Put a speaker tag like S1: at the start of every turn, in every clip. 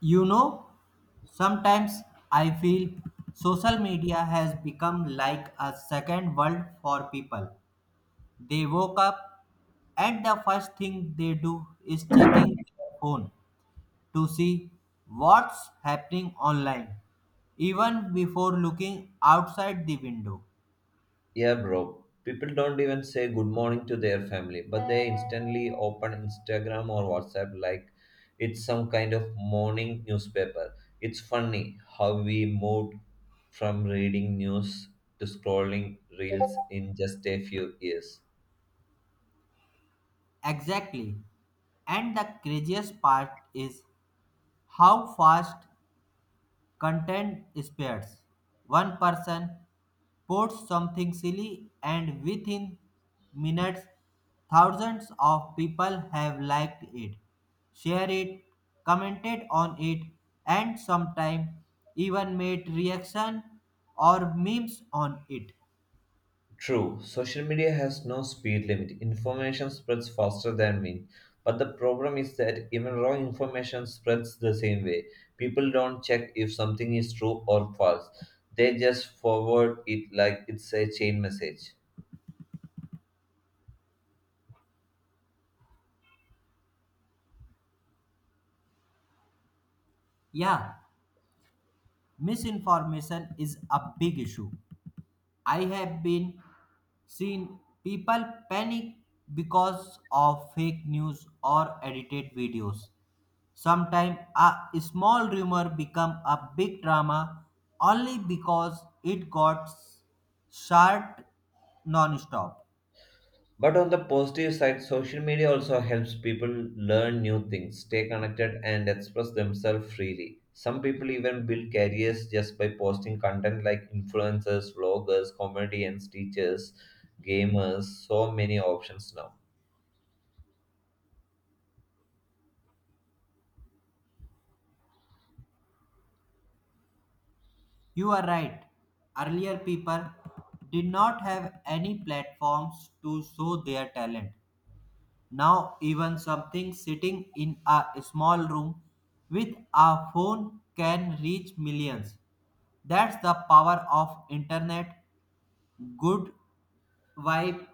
S1: You know, sometimes I feel social media has become like a second world for people. They woke up and the first thing they do is checking their phone to see what's happening online, even before looking outside the window.
S2: Yeah, bro. People don't even say good morning to their family, but they instantly open Instagram or WhatsApp like it's some kind of morning newspaper. It's funny how we moved from reading news to scrolling reels in just a few years.
S1: Exactly. And the craziest part is how fast content spreads. One person posts something silly, and within minutes, thousands of people have liked it, shared it, commented on it, and sometimes even made reaction or memes on it.
S2: True, social media has no speed limit. Information spreads faster than wind. But the problem is that even wrong information spreads the same way. People don't check if something is true or false. They just forward it like it's a chain message.
S1: Yeah, misinformation is a big issue. I have been seen people panic because of fake news or edited videos. Sometimes a small rumor become a big drama only because it got shared non-stop.
S2: But on the positive side, social media also helps people learn new things, stay connected, and express themselves freely. Some people even build careers just by posting content like influencers, vloggers, comedians, teachers, gamers, so many options now.
S1: You are right. Earlier people did not have any platforms to show their talent. Now, even something sitting in a small room with a phone can reach millions. That's the power of internet, good vibe,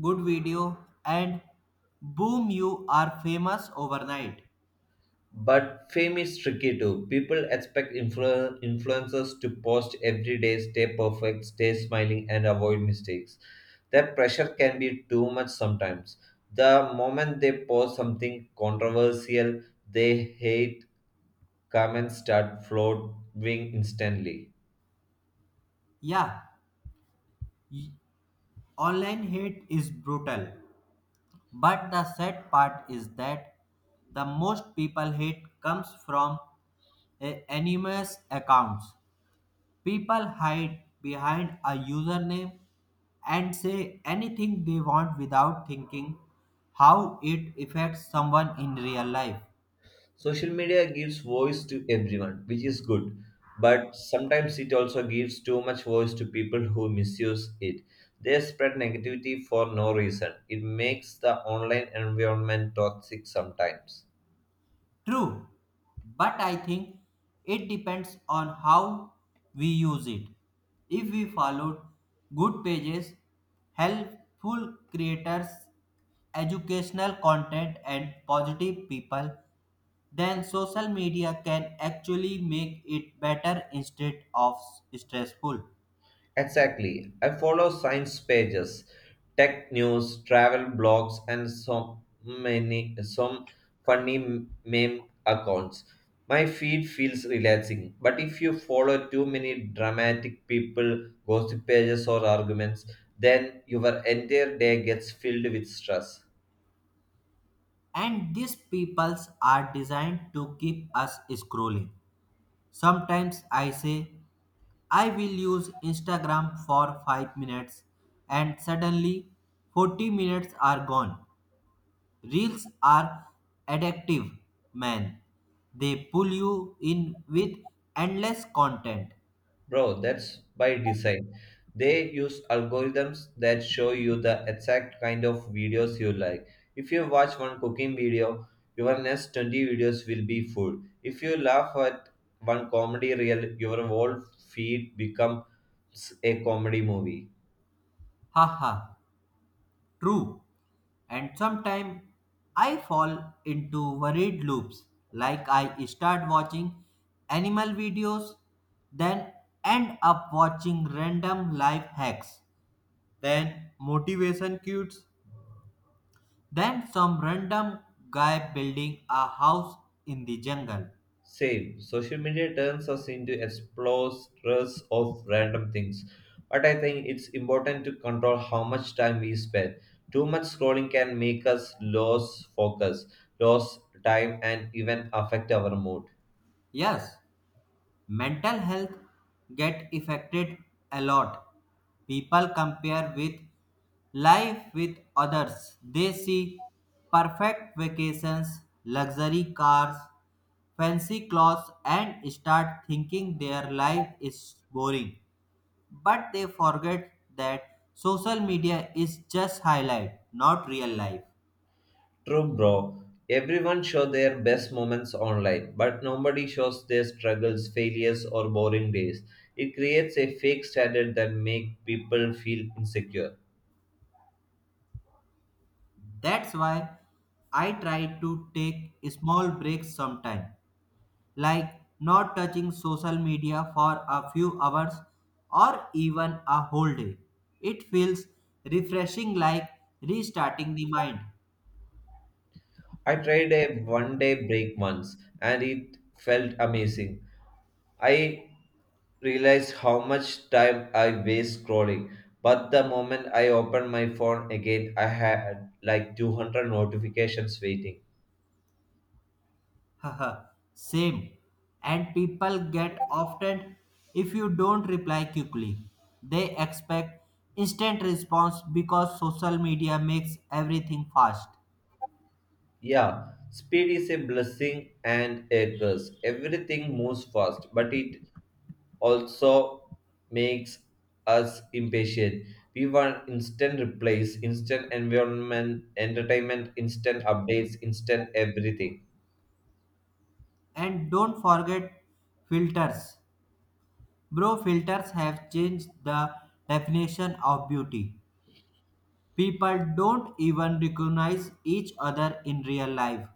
S1: good video, and boom, you are famous overnight.
S2: But fame is tricky too. People expect influencers to post every day, stay perfect, stay smiling, and avoid mistakes. That pressure can be too much sometimes. The moment they post something controversial, they hate comments start flowing instantly.
S1: Yeah, y- online hate is brutal, but the sad part is that the most people hate comes from anonymous accounts. People hide behind a username and say anything they want without thinking how it affects someone in real life.
S2: Social media gives voice to everyone, which is good, but sometimes it also gives too much voice to people who misuse it. They spread negativity for no reason. It makes the online environment toxic sometimes.
S1: True, but I think it depends on how we use it. If we followed good pages, helpful creators, educational content, and positive people, then social media can actually make it better instead of stressful.
S2: Exactly. I follow science pages, tech news, travel blogs, and so many some funny meme accounts. My feed feels relaxing, but if you follow too many dramatic people, gossip pages, or arguments, then your entire day gets filled with stress.
S1: And these peoples are designed to keep us scrolling. Sometimes I say, I will use Instagram for 5 minutes, and suddenly 40 minutes are gone. Reels are addictive, man. They pull you in with endless content.
S2: Bro, that's by design. They use algorithms that show you the exact kind of videos you like. If you watch one cooking video, your next 20 videos will be food. If you laugh at one comedy reel, your whole feed becomes a comedy movie.
S1: Haha, true. And sometimes I fall into worried loops, like I start watching animal videos, then end up watching random life hacks, then motivation cues, then some random guy building a house in the jungle.
S2: Same. Social media turns us into explorers of random things. But I think it's important to control how much time we spend. Too much scrolling can make us lose focus, lose time, and even affect our mood.
S1: Yes, mental health get affected a lot. People compare with life with others. They see perfect vacations, luxury cars, fancy clothes and start thinking their life is boring. But they forget that social media is just highlight, not real life.
S2: True, bro. Everyone shows their best moments online, but nobody shows their struggles, failures, or boring days. It creates a fake standard that makes people feel insecure.
S1: That's why I try to take small breaks sometime, like not touching social media for a few hours or even a whole day. It feels refreshing, like restarting the mind.
S2: I tried a one day break once and it felt amazing. I realized how much time I waste scrolling, but the moment I opened my phone again, I had like 200 notifications waiting.
S1: Haha, same. And people get often if you don't reply quickly. They expect instant response because social media makes everything fast.
S2: Yeah, speed is a blessing and a curse. Everything moves fast, but it also makes us impatient. We want instant replies, instant environment, entertainment, instant updates, instant everything.
S1: And don't forget filters. Bro, filters have changed the definition of beauty. People don't even recognize each other in real life.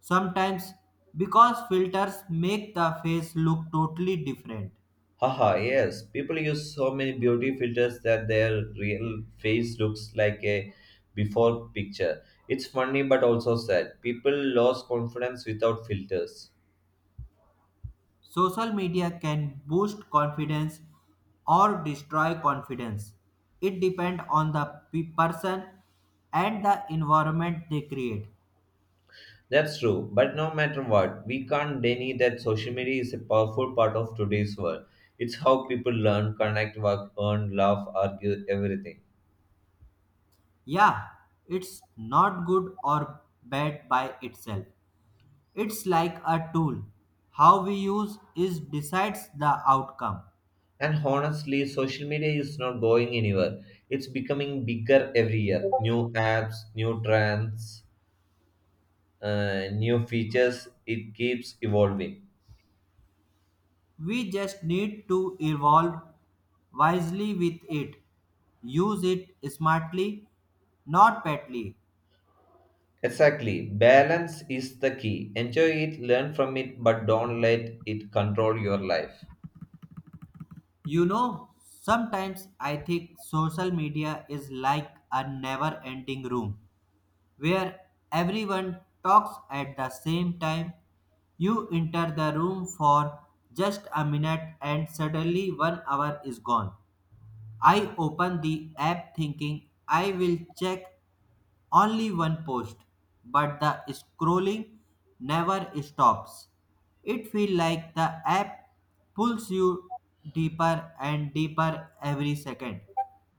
S1: Sometimes because filters make the face look totally different.
S2: Haha, yes. People use so many beauty filters that their real face looks like a before picture. It's funny but also sad. People lost confidence without filters.
S1: Social media can boost confidence or destroy confidence. It depends on the person and the environment they create.
S2: That's true, but no matter what, we can't deny that social media is a powerful part of today's world. It's how people learn, connect, work, earn, laugh, argue, everything.
S1: Yeah, it's not good or bad by itself. It's like a tool. How we use is decides the outcome.
S2: And honestly, social media is not going anywhere. It's becoming bigger every year. New apps, new trends, new features, it keeps evolving.
S1: We just need to evolve wisely with it. Use it smartly, not badly.
S2: Exactly. Balance is the key. Enjoy it, learn from it, but don't let it control your life.
S1: You know, sometimes I think social media is like a never ending room where everyone talks at the same time. You enter the room for just a minute and suddenly 1 hour is gone. I opened the app thinking I will check only one post, but the scrolling never stops. It feels like the app pulls you deeper and deeper every second,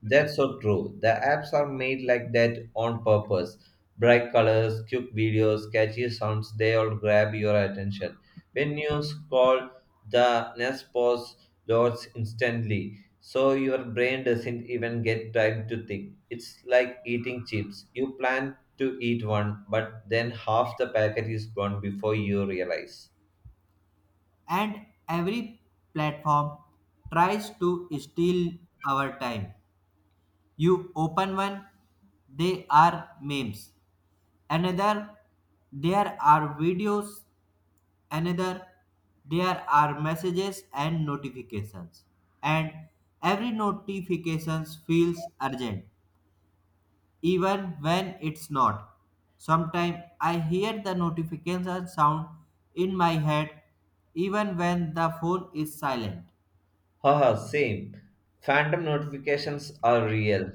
S2: That's so true. The apps are made like that on purpose. Bright colors, cute videos, catchy sounds, they all grab your attention. When you scroll, the nest pause loads instantly, so your brain doesn't even get time to think. It's like eating chips. You plan to eat one, but then half the packet is gone before you realize.
S1: and every platform tries to steal our time. You open one, they are memes. Another, there are videos. Another, there are messages and notifications, and every notifications feels urgent even when it's not. Sometimes I hear the notification sound in my head even when the phone is silent.
S2: Haha, same. Phantom notifications are real.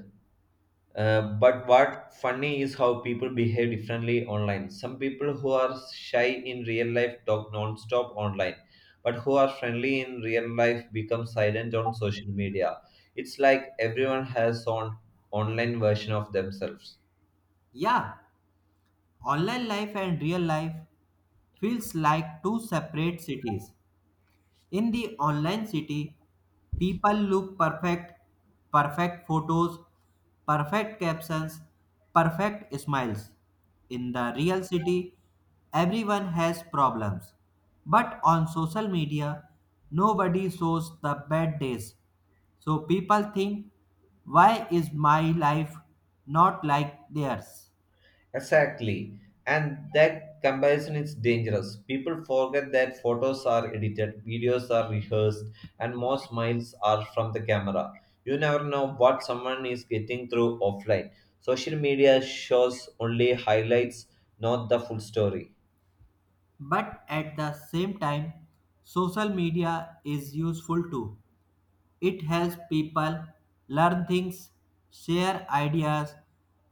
S2: But what funny is how people behave differently online. Some people who are shy in real life talk non-stop online, but who are friendly in real life become silent on social media. It's like everyone has on online version of themselves.
S1: Yeah, online life and real life feels like two separate cities. In the online city, people look perfect, perfect photos, perfect captions, perfect smiles. In the real city, everyone has problems. But on social media, nobody shows the bad days. So people think, why is my life not like theirs?
S2: Exactly. And that comparison is dangerous. People forget that photos are edited, videos are rehearsed, and most smiles are from the camera. You never know what someone is getting through offline. Social media shows only highlights, not the full story.
S1: But at the same time, social media is useful too. It helps people learn things, share ideas,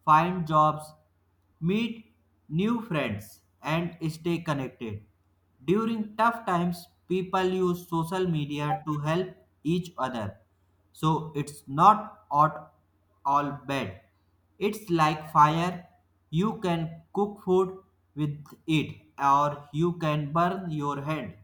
S1: find jobs, meet new friends, and stay connected. During tough times, people use social media to help each other. So it's not at all bad. It's like fire. You can cook food with it, or you can burn your hand.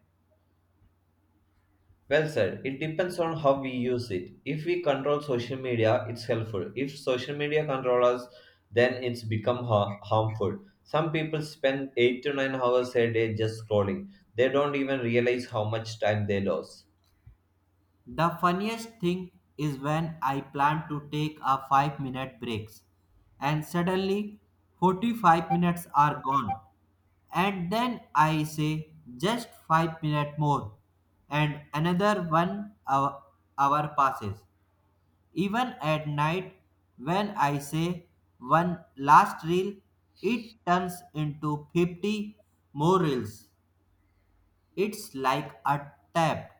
S2: Well said. It depends on how we use it. If we control social media, it's helpful. If social media control us, then it's become harmful. Some people spend 8 to 9 hours a day just scrolling. They don't even realize how much time they lose.
S1: The funniest thing is when I plan to take a 5-minute breaks and suddenly 45 minutes are gone, and then I say just 5 minutes more, and another 1 hour, hour passes. Even at night when I say one last reel, it turns into 50 more reels. It's like a tap.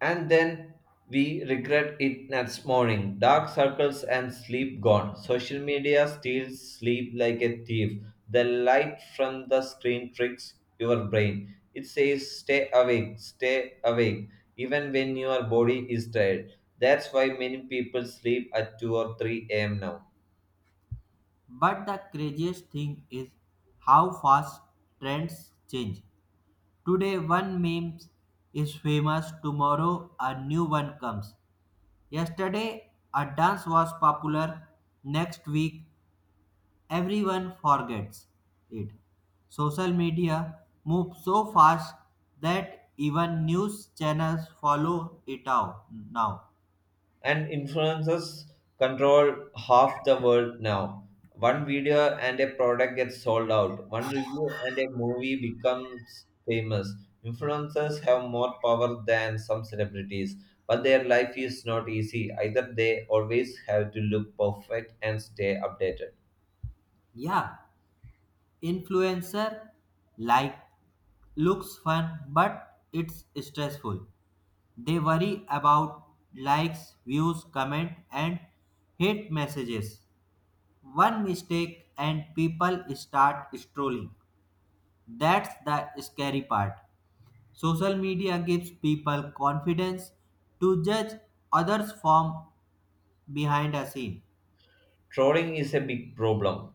S2: And then we regret it next morning. Dark circles and sleep gone. Social media steals sleep like a thief. The light from the screen tricks your brain. It says, stay awake, even when your body is tired. That's why many people sleep at 2 or 3 a.m. now.
S1: But the craziest thing is how fast trends change. Today, one meme is famous, tomorrow, a new one comes. Yesterday, a dance was popular, next week, everyone forgets it. Social media moves so fast that even news channels follow it out now.
S2: And influencers control half the world now. One video and a product gets sold out. One review and a movie becomes famous. Influencers have more power than some celebrities, but their life is not easy. Either they always have to look perfect and stay updated.
S1: Yeah, influencer like looks fun but it's stressful. They worry about likes, views, comment, and hate messages. One mistake and people start strolling. That's the scary part. Social media gives people confidence to judge others from behind a scene.
S2: Trolling is a big problem.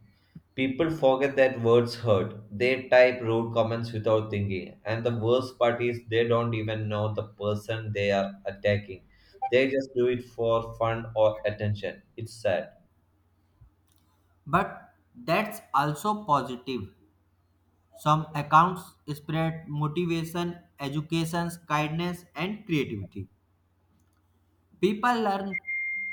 S2: People forget that words hurt. They type rude comments without thinking. And the worst part is they don't even know the person they are attacking. They just do it for fun or attention. It's sad.
S1: But that's also positive. Some accounts spread motivation, education, kindness, and creativity. People learn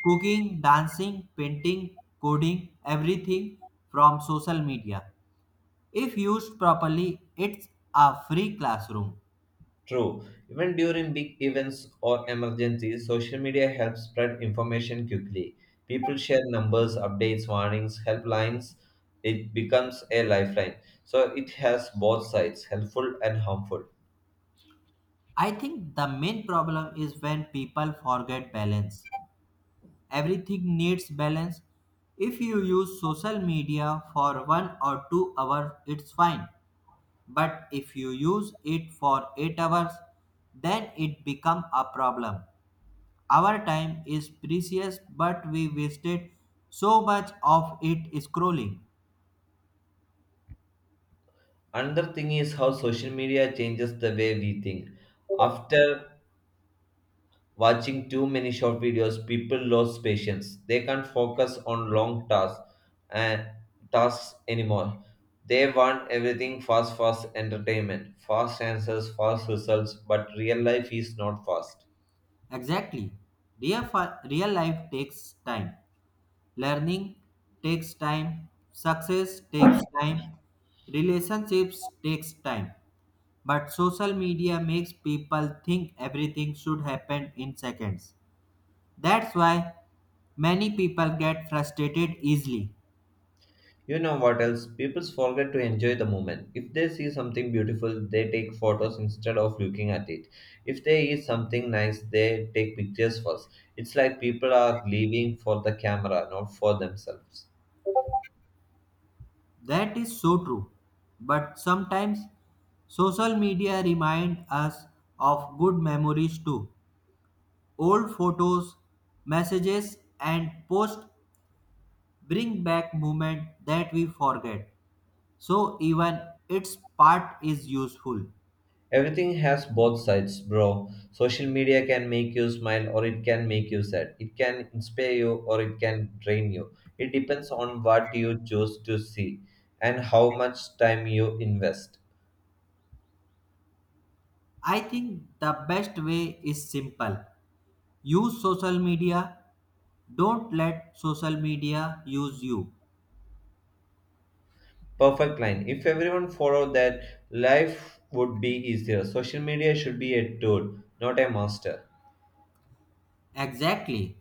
S1: cooking, dancing, painting, coding, everything from social media. If used properly, it's a free classroom.
S2: True. Even during big events or emergencies, social media helps spread information quickly. People share numbers, updates, warnings, helplines. It becomes a lifeline. So it has both sides, helpful and harmful.
S1: I think the main problem is when people forget balance. Everything needs balance. If you use social media for 1 or 2 hours, it's fine. But if you use it for 8 hours, then it become a problem. Our time is precious but we wasted so much of it scrolling.
S2: Another thing is how social media changes the way we think. After watching too many short videos, people lose patience. They can't focus on long and tasks anymore. They want everything fast, fast entertainment, fast answers, fast results, but real life is not fast.
S1: Exactly. Real life takes time. Learning takes time. Success takes time. Relationships takes time. But social media makes people think everything should happen in seconds. That's why many people get frustrated easily.
S2: You know what else? People forget to enjoy the moment. If they see something beautiful, they take photos instead of looking at it. If they eat something nice, they take pictures first. It's like people are living for the camera, not for themselves.
S1: That is so true. But sometimes social media remind us of good memories too. Old photos, messages and posts bring back moment that we forget. So even its part is useful.
S2: Everything has both sides, bro. Social media can make you smile or it can make you sad. It can inspire you or it can drain you. It depends on what you choose to see and how much time you invest.
S1: I think the best way is simple. Use social media. Don't let social media use you.
S2: Perfect line. If everyone followed that, life would be easier. Social media should be a tool, not a master.
S1: Exactly.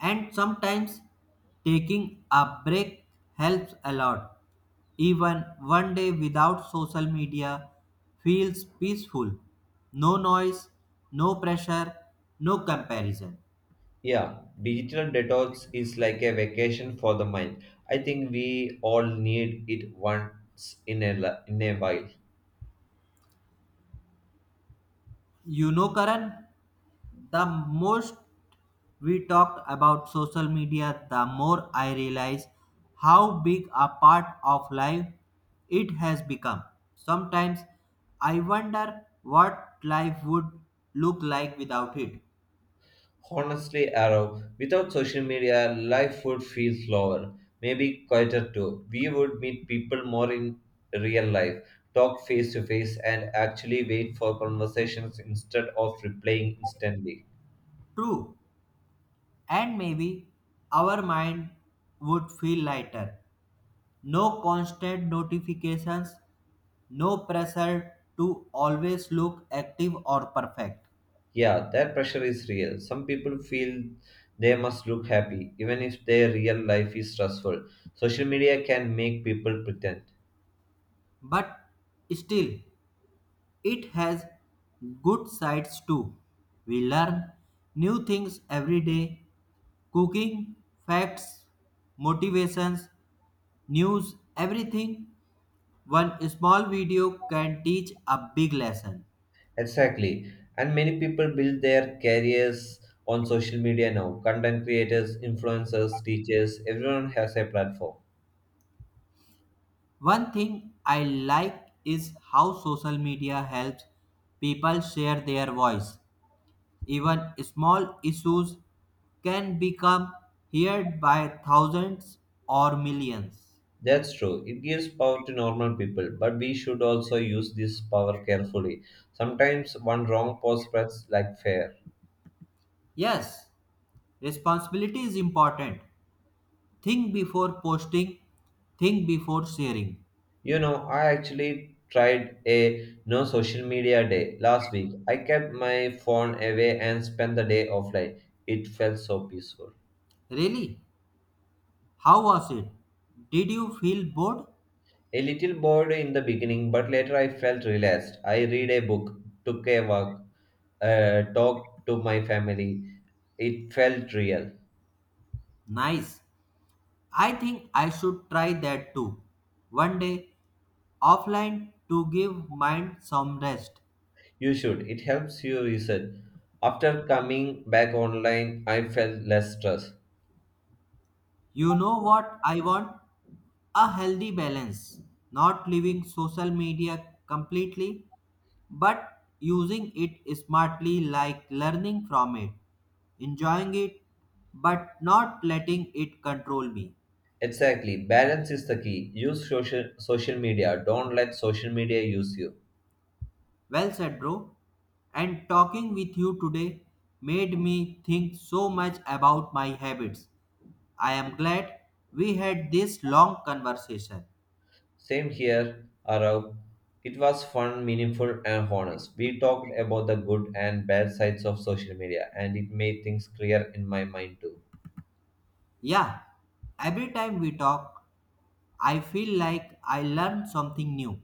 S1: And sometimes taking a break helps a lot. Even 1 day without social media feels peaceful. No noise, no pressure, no comparison.
S2: Yeah, digital detox is like a vacation for the mind. I think we all need it once in a in a while.
S1: You know, Karan, the most we talked about social media, the more I realize how big a part of life it has become. Sometimes I wonder what life would look like without it.
S2: Honestly, Arrow, without social media, life would feel slower, maybe quieter too. We would meet people more in real life, talk face to face, and actually wait for conversations instead of replying instantly.
S1: True, and maybe our mind would feel lighter. No constant notifications, no pressure to always look active or perfect.
S2: Yeah, that pressure is real. Some people feel they must look happy, even if their real life is stressful. Social media can make people pretend.
S1: But still, it has good sides too. We learn new things every day, cooking, facts, motivations, news, everything. One small video can teach a big lesson.
S2: Exactly. And many people build their careers on social media now. Content creators, influencers, teachers, everyone has a platform.
S1: One thing I like is how social media helps people share their voice. Even small issues can become heard by thousands or millions.
S2: That's true. It gives power to normal people, but we should also use this power carefully. Sometimes one wrong post spreads like fear.
S1: Yes, responsibility is important. Think before posting, think before sharing.
S2: You know, I actually tried a no social media day last week. I kept my phone away and spent the day offline. It felt so peaceful.
S1: Really? How was it? Did you feel bored?
S2: A little bored in the beginning, but later I felt relaxed. I read a book, took a walk, talked to my family. It felt real.
S1: Nice. I think I should try that too. 1 day, offline to give mind some rest.
S2: You should. It helps you reset. After coming back online, I felt less stressed.
S1: You know what I want? A healthy balance, not leaving social media completely, but using it smartly, like learning from it, enjoying it, but not letting it control me.
S2: Exactly. Balance is the key. Use social media. Don't let social media use you.
S1: Well said, bro. And talking with you today made me think so much about my habits. I am glad we had this long conversation.
S2: Same here, Arav. It was fun, meaningful, and honest. We talked about the good and bad sides of social media, and it made things clear in my mind too.
S1: Yeah, every time we talk, I feel like I learned something new.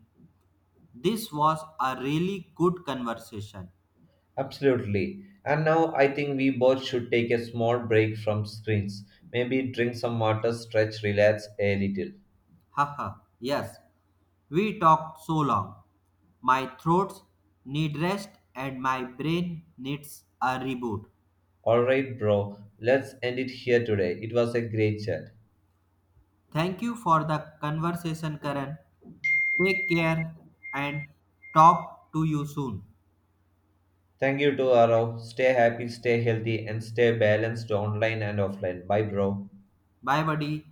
S1: This was a really good conversation.
S2: Absolutely. And now I think we both should take a small break from screens. Maybe drink some water, stretch, relax a little.
S1: Haha, yes, we talked so long. My throats need rest and my brain needs a reboot.
S2: Alright, bro. Let's end it here today. It was a great chat.
S1: Thank you for the conversation, Karan. Take care and talk to you soon.
S2: Thank you to Arav. Stay happy, stay healthy, and stay balanced online and offline. Bye, bro.
S1: Bye, buddy.